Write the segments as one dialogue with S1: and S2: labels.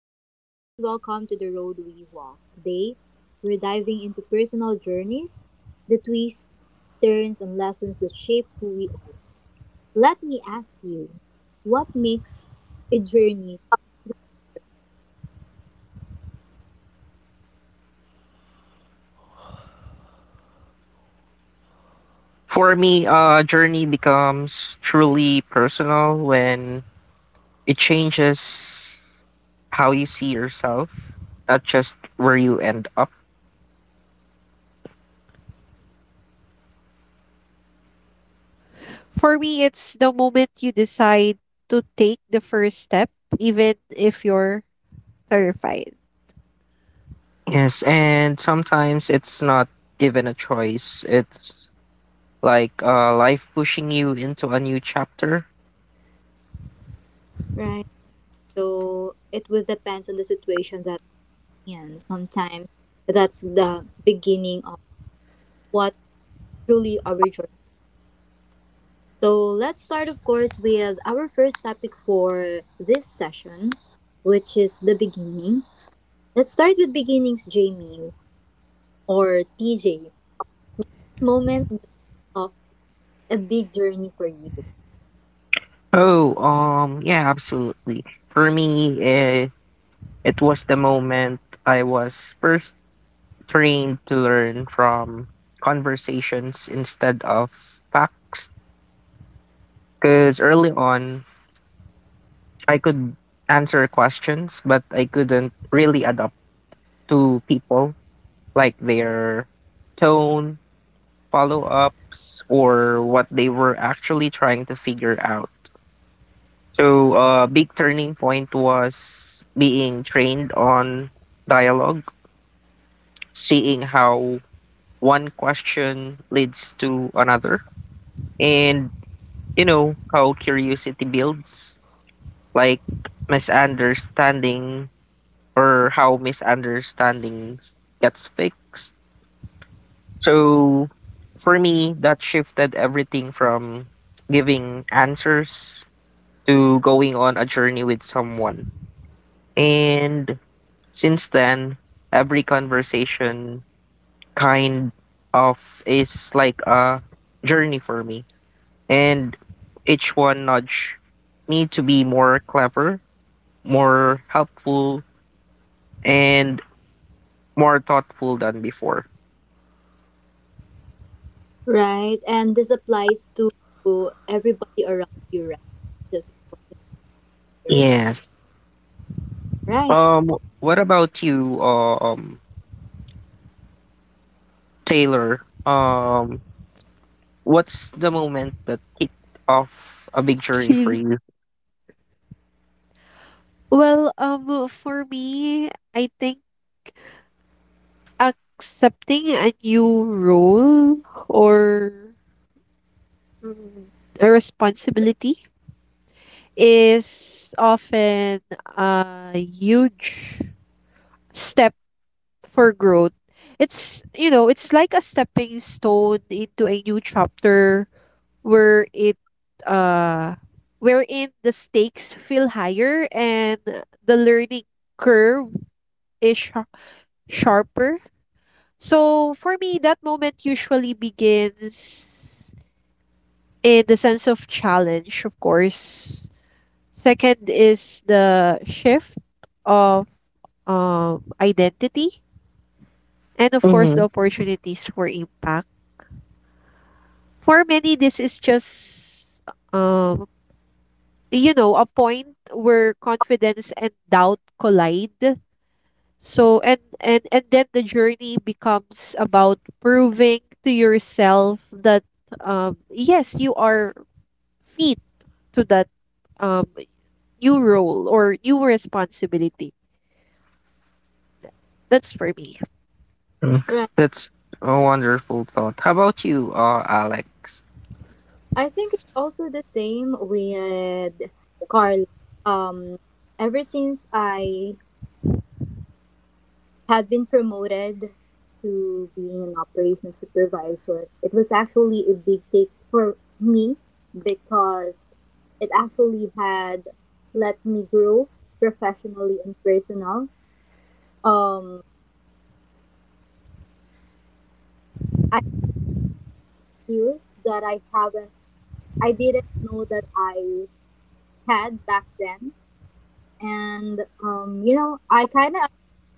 S1: day everyone. Welcome to the Road We Walk. Today, we're diving into personal journeys, the twists, turns, and lessons that shape who we are. Let me ask you, what makes a journey,
S2: For me, journey becomes truly personal when it changes how you see yourself, not just where you end up.
S3: For me, it's the moment you decide to take the first step, even if you're terrified.
S2: Yes, and sometimes it's not even a choice. It's like life pushing you into a new chapter.
S1: right? So, it will depends on the situation that we in. Sometimes that's the beginning of what truly our journey. So, let's start, of course, with our first topic for this session, which is the beginning. Let's start with beginnings, Jamie, or TJ, moment of a big journey for you,
S2: Oh, yeah, absolutely. For me, it was the moment I was first trained to learn from conversations instead of facts. Because early on, I could answer questions, but I couldn't really adapt to people, like their tone, follow ups, or what they were actually trying to figure out. So, a big turning point was being trained on dialogue, seeing how one question leads to another, and you know how curiosity builds, like misunderstanding or how misunderstandings gets fixed. So for me, that shifted everything from giving answers to going on a journey with someone. And since then, every conversation kind of is like a journey for me. And each one nudge me to be more clever, more helpful, and more thoughtful than before.
S1: right? And this applies to everybody around you, right? Just of course, your-
S2: Yes.
S1: right,
S2: What about you, Taylor? What's the moment that kicked off a big journey for
S3: Chill.
S2: you?
S3: For me, I think accepting a new role or mm, a responsibility is often a huge step for growth. It's like a stepping stone into a new chapter where it uh wherein the stakes feel higher and the learning curve is sharper. So for me that moment usually begins in the sense of challenge, of course. Second is the shift of identity and of course
S2: Mm-hmm.
S3: the opportunities for impact. For many this is just um a point where confidence and doubt collide, so and then the journey becomes about proving to yourself that yes, you are fit to that um new role or new responsibility. That's for me.
S2: Mm,
S1: right.
S2: that's a wonderful thought. How about you, Alex?
S1: I think it's also the same with Carla. Um, Ever since I had been promoted to being an operations supervisor, it was actually a big take for me because it actually had let me grow professionally and personal. Um, I skills that I didn't know that I had back then, and you know, I kind of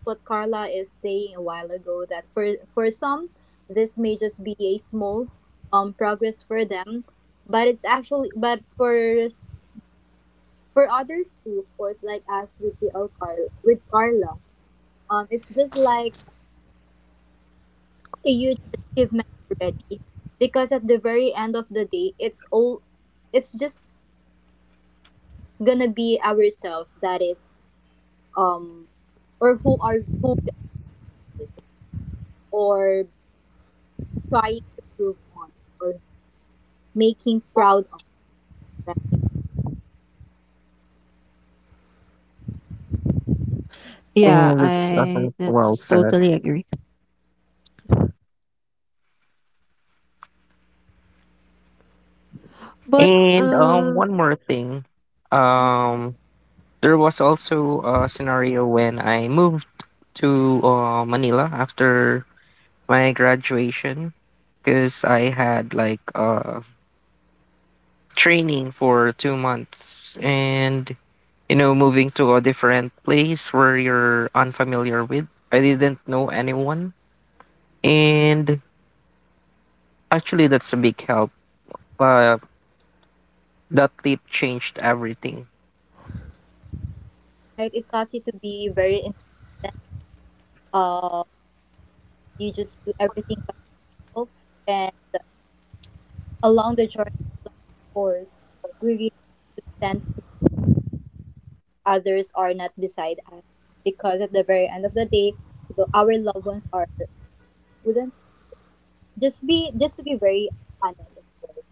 S1: what Carla is saying a while ago that for some this may just be a small progress for them, but it's actually but for s- for others too, of course, like us with the Al Carla with Carla, it's just like a huge achievement already because at the very end of the day, it's all it's just gonna be ourselves that is um or who are who we are with or trying to prove on making proud of, right.
S3: Yeah,
S2: And that's
S3: I
S2: nothing well
S3: that's
S2: said.
S3: totally agree. But
S2: And one more thing.
S3: Mhm.
S2: Um, there was also a scenario when I moved to Manila after my graduation because I had like training for 2 months, and you know, moving to a different place where you're unfamiliar with, I didn't know anyone, and actually that's a big help. uh that trip changed everything,
S1: Right, it taught you to be very independent. uh you just do everything by yourself, and along the journey course we really need to stand for others are not beside us. Because at the very end of the day, the, our loved ones are wouldn't just be just to be very honest of course,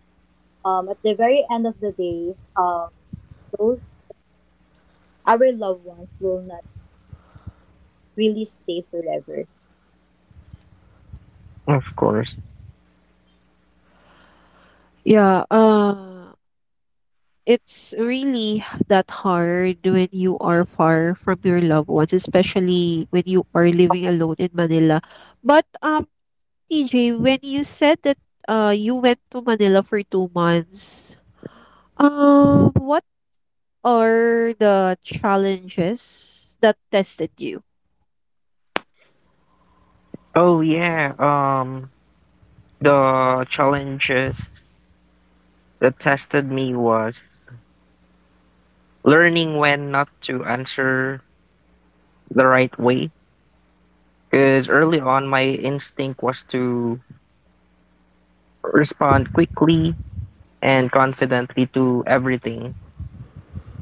S1: at the very end of the day, those our loved ones will not really stay forever.
S2: of course.
S3: Yeah, it's really that hard when you are far from your loved ones, especially when you are living alone in Manila. But TJ, when you said that you went to Manila for 2 months, what are the challenges that tested you?
S2: oh yeah um the challenges that tested me was learning when not to answer the right way, because early on my instinct was to respond quickly and confidently to everything.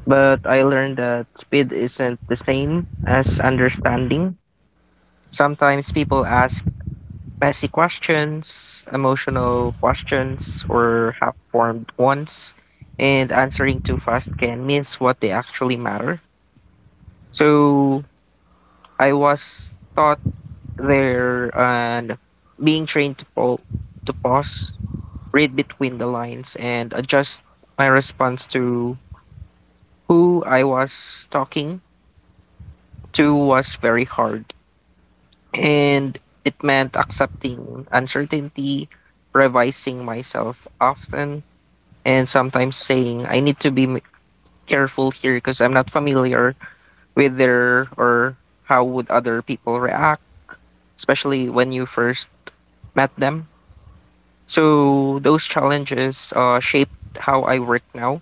S2: But I learned that speed isn't the same as understanding. Sometimes people ask messy questions, emotional questions, or half formed ones, and answering too fast can miss what they actually matter. So I was taught there and being trained to pause, read between the lines, and adjust my response to who I was talking to was very hard, and it meant accepting uncertainty, revising myself often, and sometimes saying, I need to be careful here because I'm not familiar with their or how would other people react, especially when you first met them. So those challenges shaped how I work now.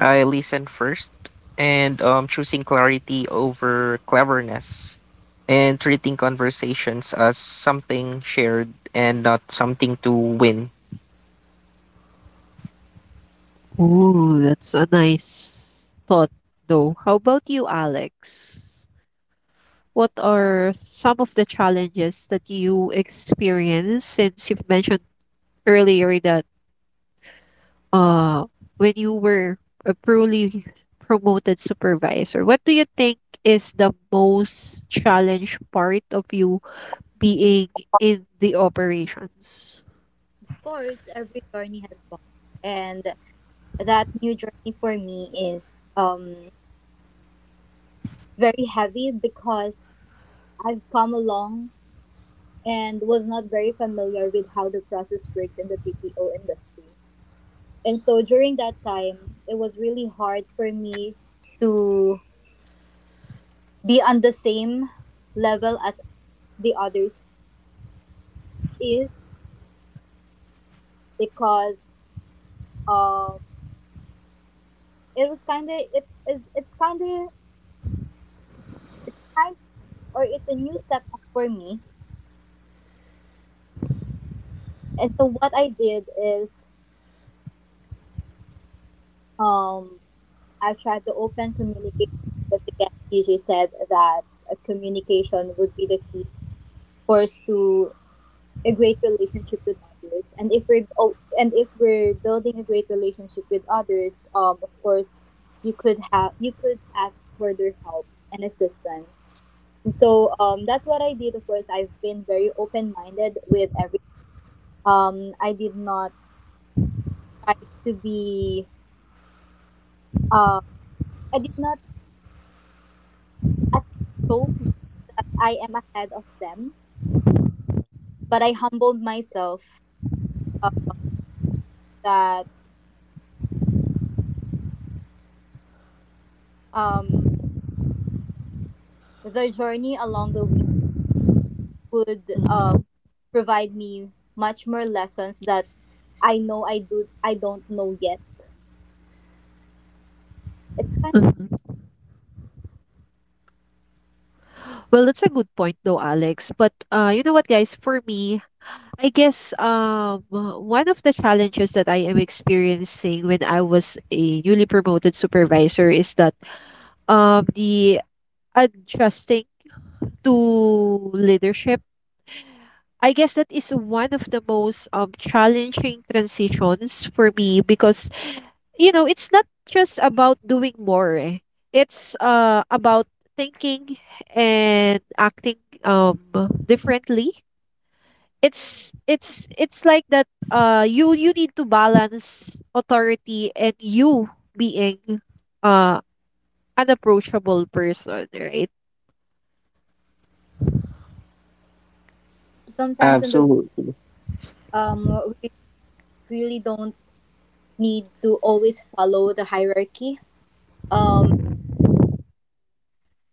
S2: I listen first and choosing clarity over cleverness and treating conversations as something shared and not something to win.
S3: Ooh, that's a nice thought, though. How about you, Alex? What are some of the challenges that you experienced, since you've mentioned earlier that uh when you were a truly promoted supervisor, what do you think is the most challenge part of you being in the operations?
S1: Of course every journey has fun, and that new journey for me is very heavy because I've come along and was not very familiar with how the process works in the BPO industry. And so during that time, it was really hard for me to be on the same level as the others is because um it was kind of it is it's kind of kind or it's a new setup for me, and so what I did is Um, I've tried the open communication. Because again, DJ said that communication would be the key for us to a great relationship with others. And if we're oh, and if we're building a great relationship with others, of course, you could have you could ask for their help and assistance. And so that's what I did. Of course, I've been very open minded with every. I did not try to be. Uh, I did not attempt I am ahead of them, but I humbled myself uh, that um, the journey along the way would provide me much more lessons that I know I do I don't know yet. It's kind of
S3: Mhm. Well, that's a good point though, Alex. But you know what, guys? For me, I guess one of the challenges that I am experiencing when I was a newly promoted supervisor is that the adjusting to leadership, I guess, that is one of the most challenging transitions for me, because you know it's not just about doing more. Eh. It's about thinking and acting differently. It's like that you need to balance authority and you being uh an approachable person, right?
S1: sometimes in the
S2: Absolutely.
S1: we really don't need to always follow the hierarchy. Um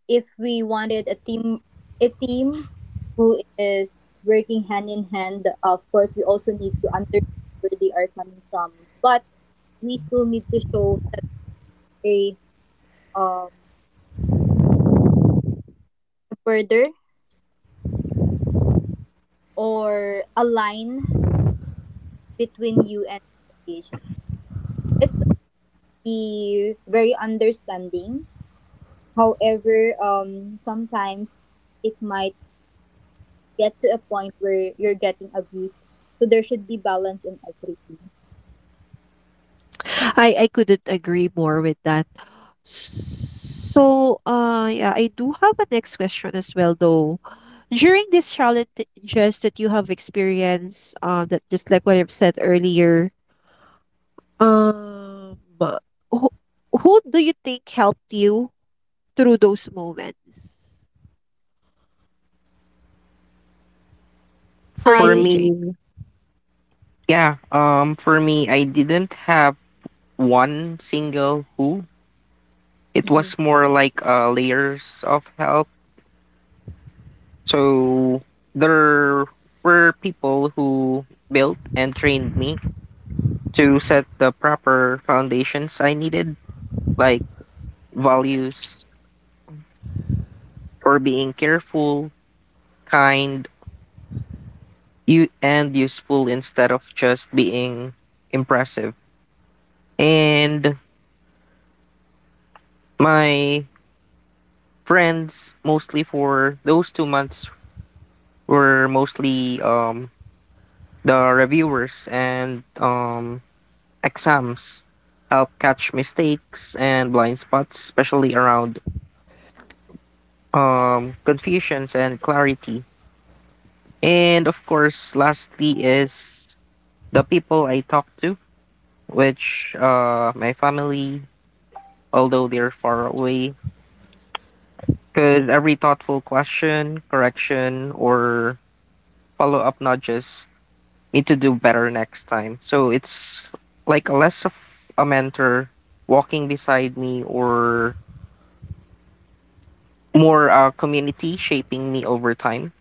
S1: if we wanted a team who is working hand in hand of course we also need to understand where they are coming from, but we still need to show that a um a border or a line between you and your patient. It's be very understanding, however sometimes it might get to a point where you're getting abused, so there should be balance in everything.
S3: I couldn't agree more with that. So, yeah, I do have a next question as well, though. During these challenges that you have experienced, that just like what I've said earlier, um, who, who do you think helped you through those moments, for you,
S2: For
S1: I
S3: TJ?
S2: me, yeah, for me, I didn't have one single who. It
S1: Mm-hmm.
S2: was more like layers of help. So there were people who built and trained me to set the proper foundations I needed, like values for being careful, kind, and useful instead of just being impressive. And my friends, mostly for those 2 months, were mostly the reviewers and exams help catch mistakes and blind spots, especially around confusions and clarity. And of course, lastly is the people I talk to, which my family, although they're far away, because every thoughtful question, correction, or follow up nudges me to do better next time. So it's like less of a mentor walking beside me or more a community shaping me over time.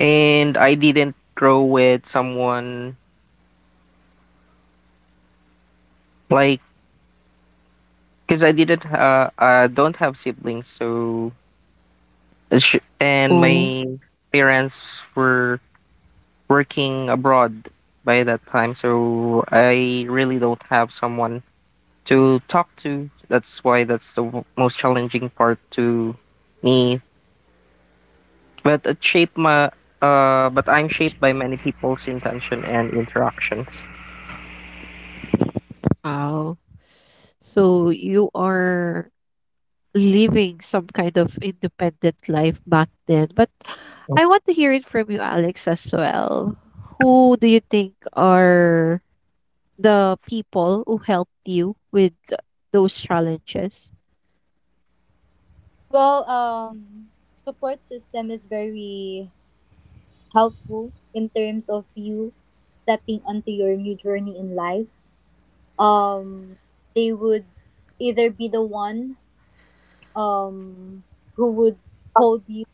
S2: And I didn't grow with someone, like, because I don't have siblings, so and
S3: Oh,
S2: my parents were working abroad by that time, so I really don't have someone to talk to. That's why that's the most challenging part to me. But it shaped my but I'm shaped by many people's intention and interactions.
S3: wow. So you are living some kind of independent life back then. But I want to hear it from you, Alex, as well. Who do you think are the people who helped you with those challenges?
S1: Well, support system is very helpful in terms of you stepping onto your new journey in life. Um, they would either be the one um who would hold you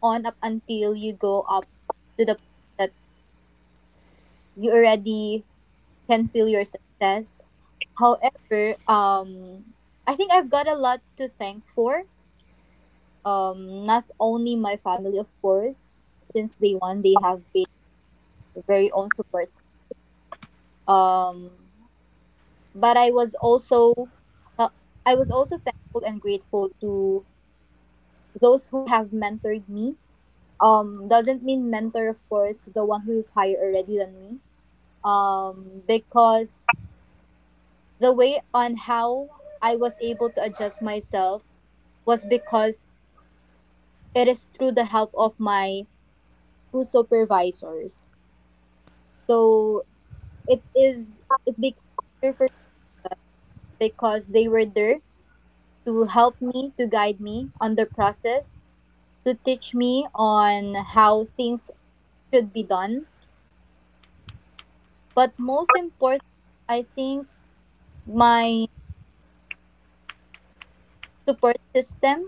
S1: on up until you go up to the point that you already can feel your success. However, I think I've got a lot to thank for not only my family, of course, since day one they have been very own support. um but uh, I was also thankful and grateful to those who have mentored me. Doesn't mean mentor, of course, the one who is higher already than me. Because the way on how I was able to adjust myself was because it is through the help of my two supervisors. So it became easier for because they were there to help me to guide me on the process, to teach me on how things should be done. But most important, I think, my support system,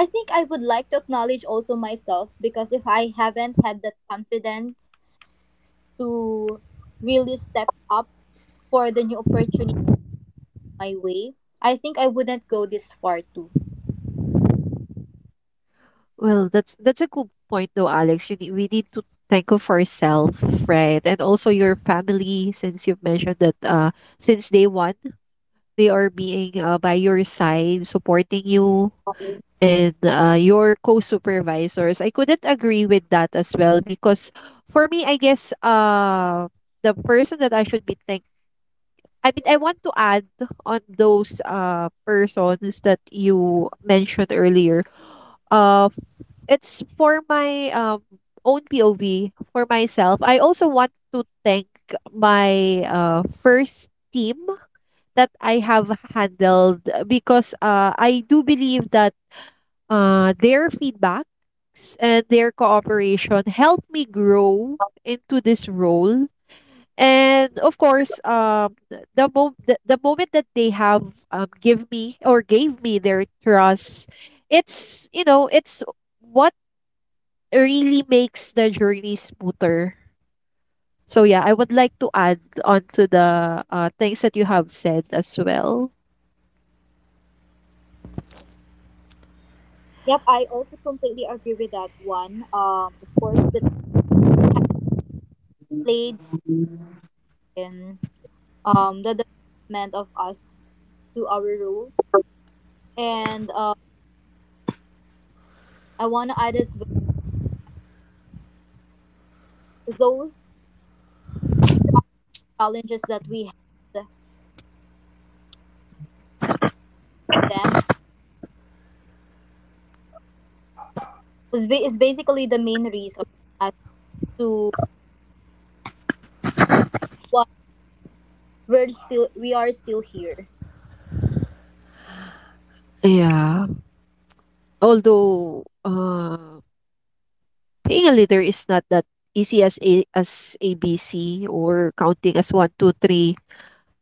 S1: I think I would like to acknowledge also myself, because if I haven't had that confidence to really step up for the new opportunity my way, I think I wouldn't go this far too.
S3: Well, that's a good point, though, Alex. You need, we need to think of ourselves, right? And also your family, since you've mentioned that since day one, they are being by your side, supporting you, and your co-supervisors. I couldn't agree with that as well, because for me I guess the person that I should be thank, I mean I want to add on those persons that you mentioned earlier, uh it's for my own POV. For myself, I also want to thank my first team that I have handled, because I do believe that their feedbacks and their cooperation helped me grow into this role. And of course, the moment that they have give me or gave me their trust, it's what really makes the journey smoother. So yeah, I would like to add on to the things that you have said as well.
S1: Yep, I also completely agree with that one. Of course, that has played in the development of us to our role, and I want to add as well those strong challenges that we had them is is basically the main reason as to why we are still here,
S3: Yeah. Although, um, being a leader is not that easy as a as ABC, or counting as one, two, three.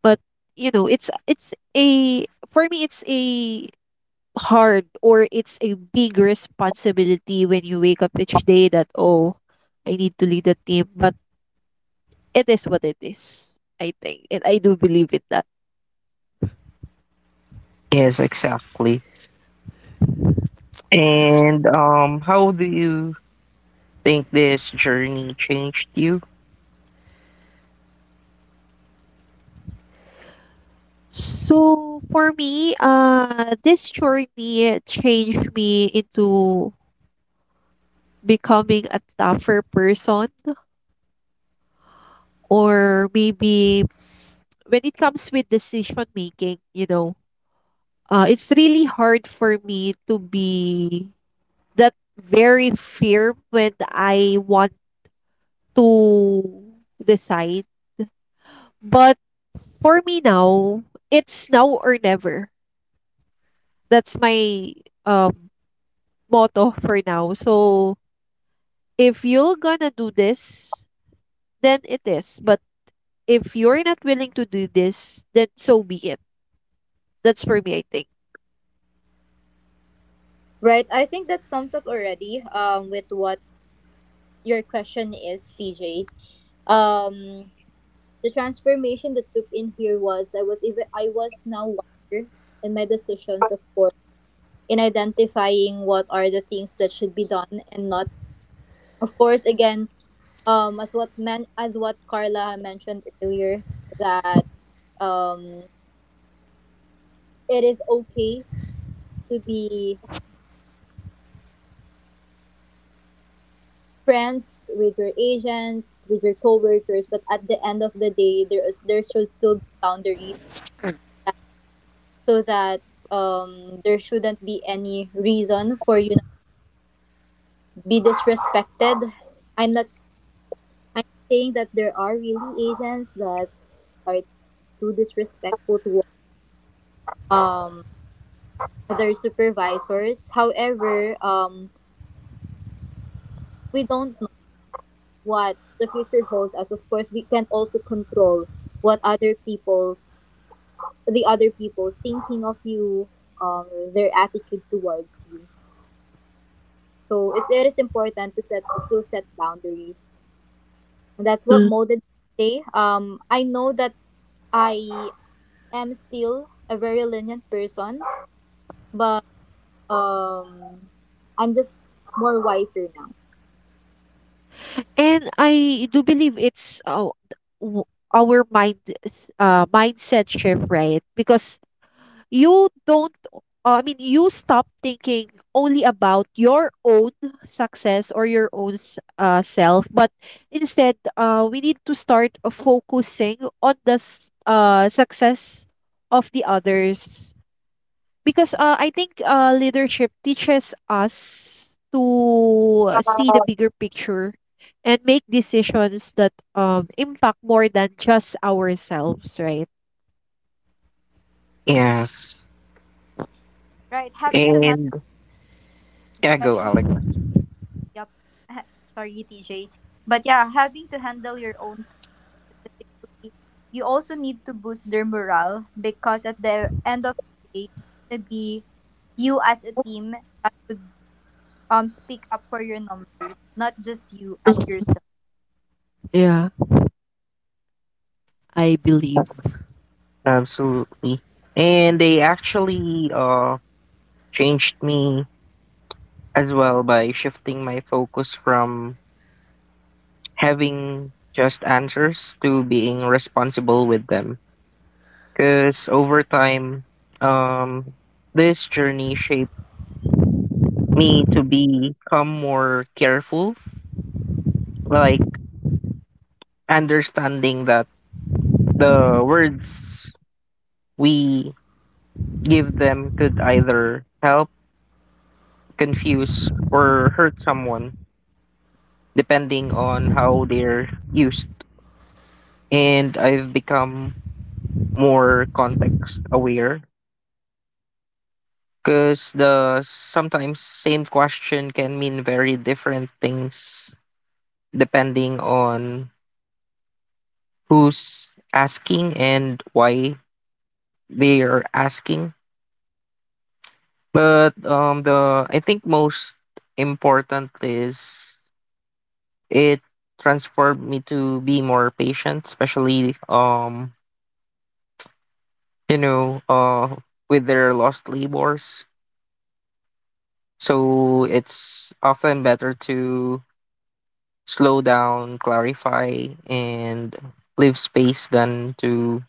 S3: But you know, it's a for me it's a hard, or it's a big responsibility when you wake up each day that, oh, I need to lead a team. But it is what it is, I think. And I do believe in that.
S2: Yes, exactly. And how do you think this journey changed you?
S3: So for me, this journey changed me into becoming a tougher person, or maybe when it comes with decision making. You know, it's really hard for me to be that very firm when I want to decide. But for me now, it's now or never. That's my um motto for now. So if you're gonna do this, then it is. But if you're not willing to do this, then so be it. That's for me, I think.
S1: right? I think that sums up already with what your question is, TJ. Um, The transformation that took in here was I was now wiser in my decisions, of course, in identifying what are the things that should be done and not. Of course, again, as what man as what Carla mentioned earlier, that um, it is okay to be friends with your agents, with your coworkers, but at the end of the day, there should still be boundary so that there shouldn't be any reason for you be disrespected. I'm not I'm saying that there are really agents that are too disrespectful to um other supervisors. However, we don't know what the future holds us. Of course, we can also control what other people the other people's thinking of you, their attitude towards you. So it is important to set still set boundaries. And that's what molded me today. I know that I am still a very lenient person, but um, I'm just more wiser now.
S3: And I do believe it's our mindset shift, right? Because you don't I mean, you stop thinking only about your own success or your own self, but instead we need to start focusing on the success of the others. Because, I think, leadership teaches us to see the bigger picture and make decisions that impact more than just ourselves, right?
S2: Yes.
S1: Right, having to handle
S2: And yeah, go
S1: special,
S2: Alex.
S1: yep, ha- sorry TJ, but yeah, having to handle your own specifically, you also need to boost their morale because at the end of the day it's gonna be you as a team that would speak up for your numbers, not just you as
S3: Mm.
S1: yourself.
S3: Yeah, I believe.
S2: Absolutely. And they actually changed me as well by shifting my focus from having just answers to being responsible with them. Because over time, um, this journey shaped me to become more careful, like understanding that the words we give them could either help, confuse, or hurt someone, depending on how they're used. And I've become more context aware, because the sometimes same question can mean very different things depending on who's asking and why they are asking. But the I think most important is it transformed me to be more patient, especially, you know uh with their lost labors. So it's often better to slow down, clarify, and leave space than to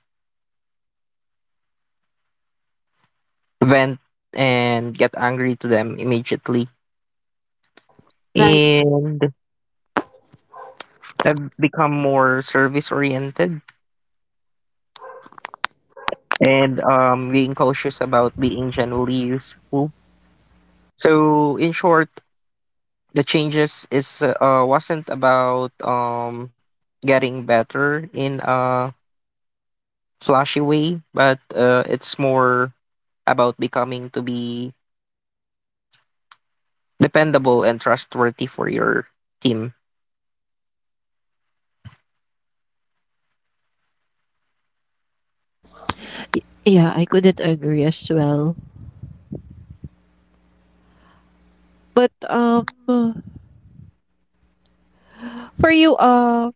S2: vent and get angry to them immediately.
S1: Right.
S2: And I've become more service oriented and being cautious about being generally useful. So, in short, the changes is wasn't about getting better in a flashy way, but it's more about becoming to be dependable and trustworthy for your team.
S3: Y yeah, I couldn't agree as well. But for you,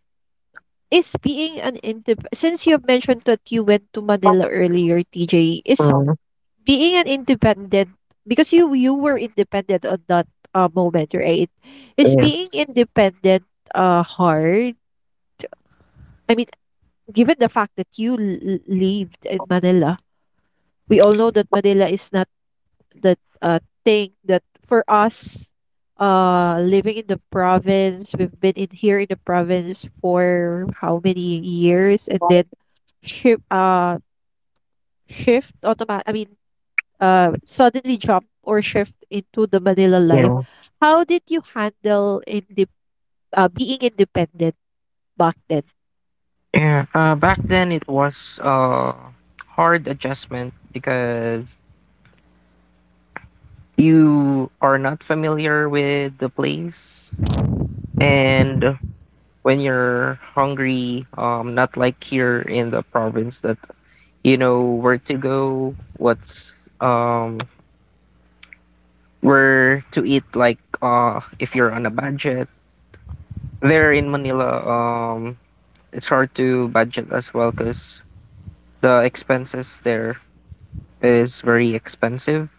S3: is being an indep, since you've mentioned that you went to Manila earlier, TJ, is
S2: Mm,
S3: being an independent, because you were independent on that moment, right? Is being
S2: yes,
S3: independent hard? I mean, given the fact that you lived in Manila, we all know that Manila is not that thing that for us living in the province. We've been in here in the province for how many years, and then shift shift automatic I mean suddenly jump or shift into the Manila life.
S2: yeah.
S3: How did you handle in the being independent back then?
S2: Yeah, back then it was hard adjustment because you are not familiar with the place, and when you're hungry, not like here in the province that you know where to go, what's where to eat. Like if you're on a budget, there in Manila, it's hard to budget as well because the expenses there is very expensive,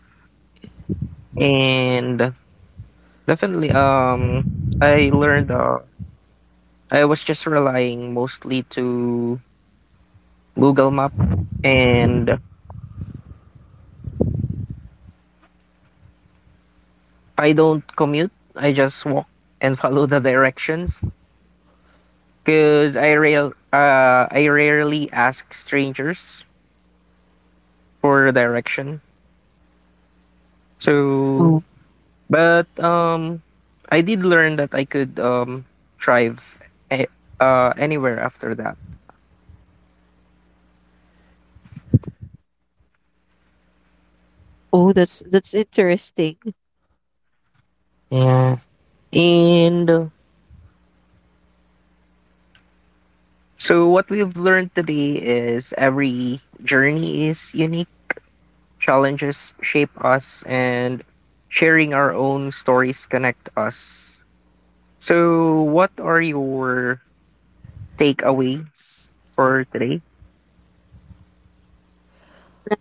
S2: and definitely I learned, I was just relying mostly to google map, and I don't commute, I just walk and follow the directions because I rarely ask strangers for direction. So
S3: Oh,
S2: but, I did learn that I could, thrive a anywhere after that.
S3: oh that's interesting.
S2: Yeah. And, so what we've learned today is every journey is unique, challenges shape us, and sharing our own stories connect us. So what are your takeaways for today?
S1: Right.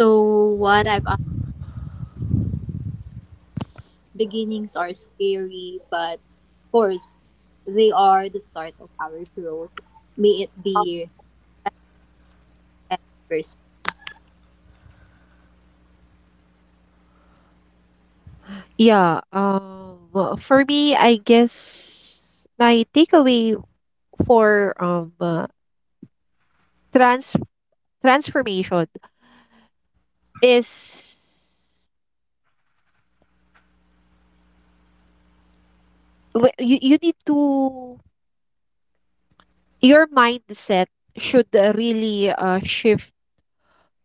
S1: So what I've Beginnings are scary, but of course, they are the start of our growth, may it be as a person.
S3: Yeah well, for me I guess my takeaway for trans transformation is you need to your mindset should really shift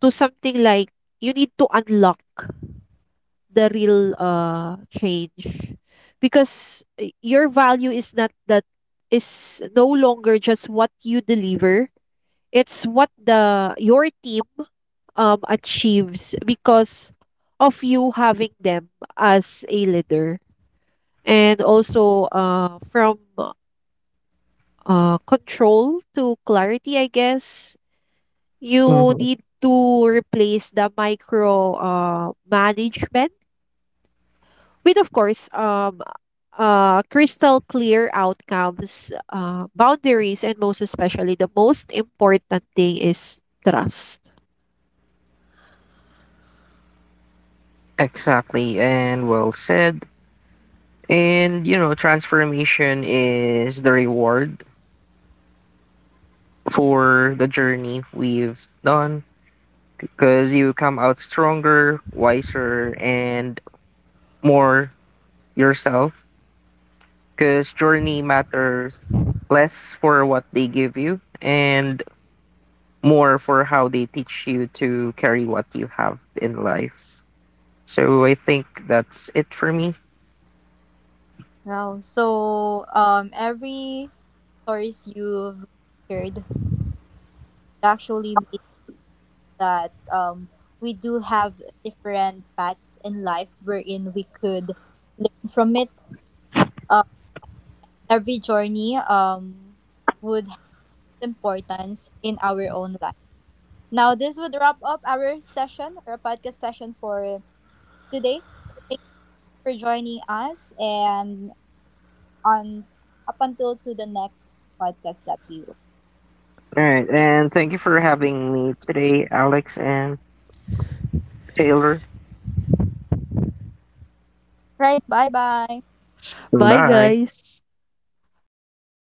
S3: to something like you need to unlock the real change, because your value is not that, is no longer just what you deliver. It's what the your team achieves because of you having them as a leader. And also from control to clarity, I guess you
S2: Mhm.
S3: need to replace the micro management with of course crystal clear outcomes, boundaries, and most especially the most important thing is trust.
S2: Exactly, and well said. And you know, transformation is the reward for the journey we've done, because you come out stronger, wiser, and more yourself. Because journey matters less for what they give you and more for how they teach you to carry what you have in life. So I think that's it for me.
S1: Wow. So every stories you've shared actually means that we do have different paths in life wherein we could learn from it. Um, every journey would have importance in our own life. Now, this would wrap up our session, our podcast session for today. Thank you for joining us and on up until to the next podcast that we will.
S2: All right, and thank you for having me today, Alex and Taylor.
S1: Right, bye-bye.
S3: Bye,
S2: Bye.
S3: guys.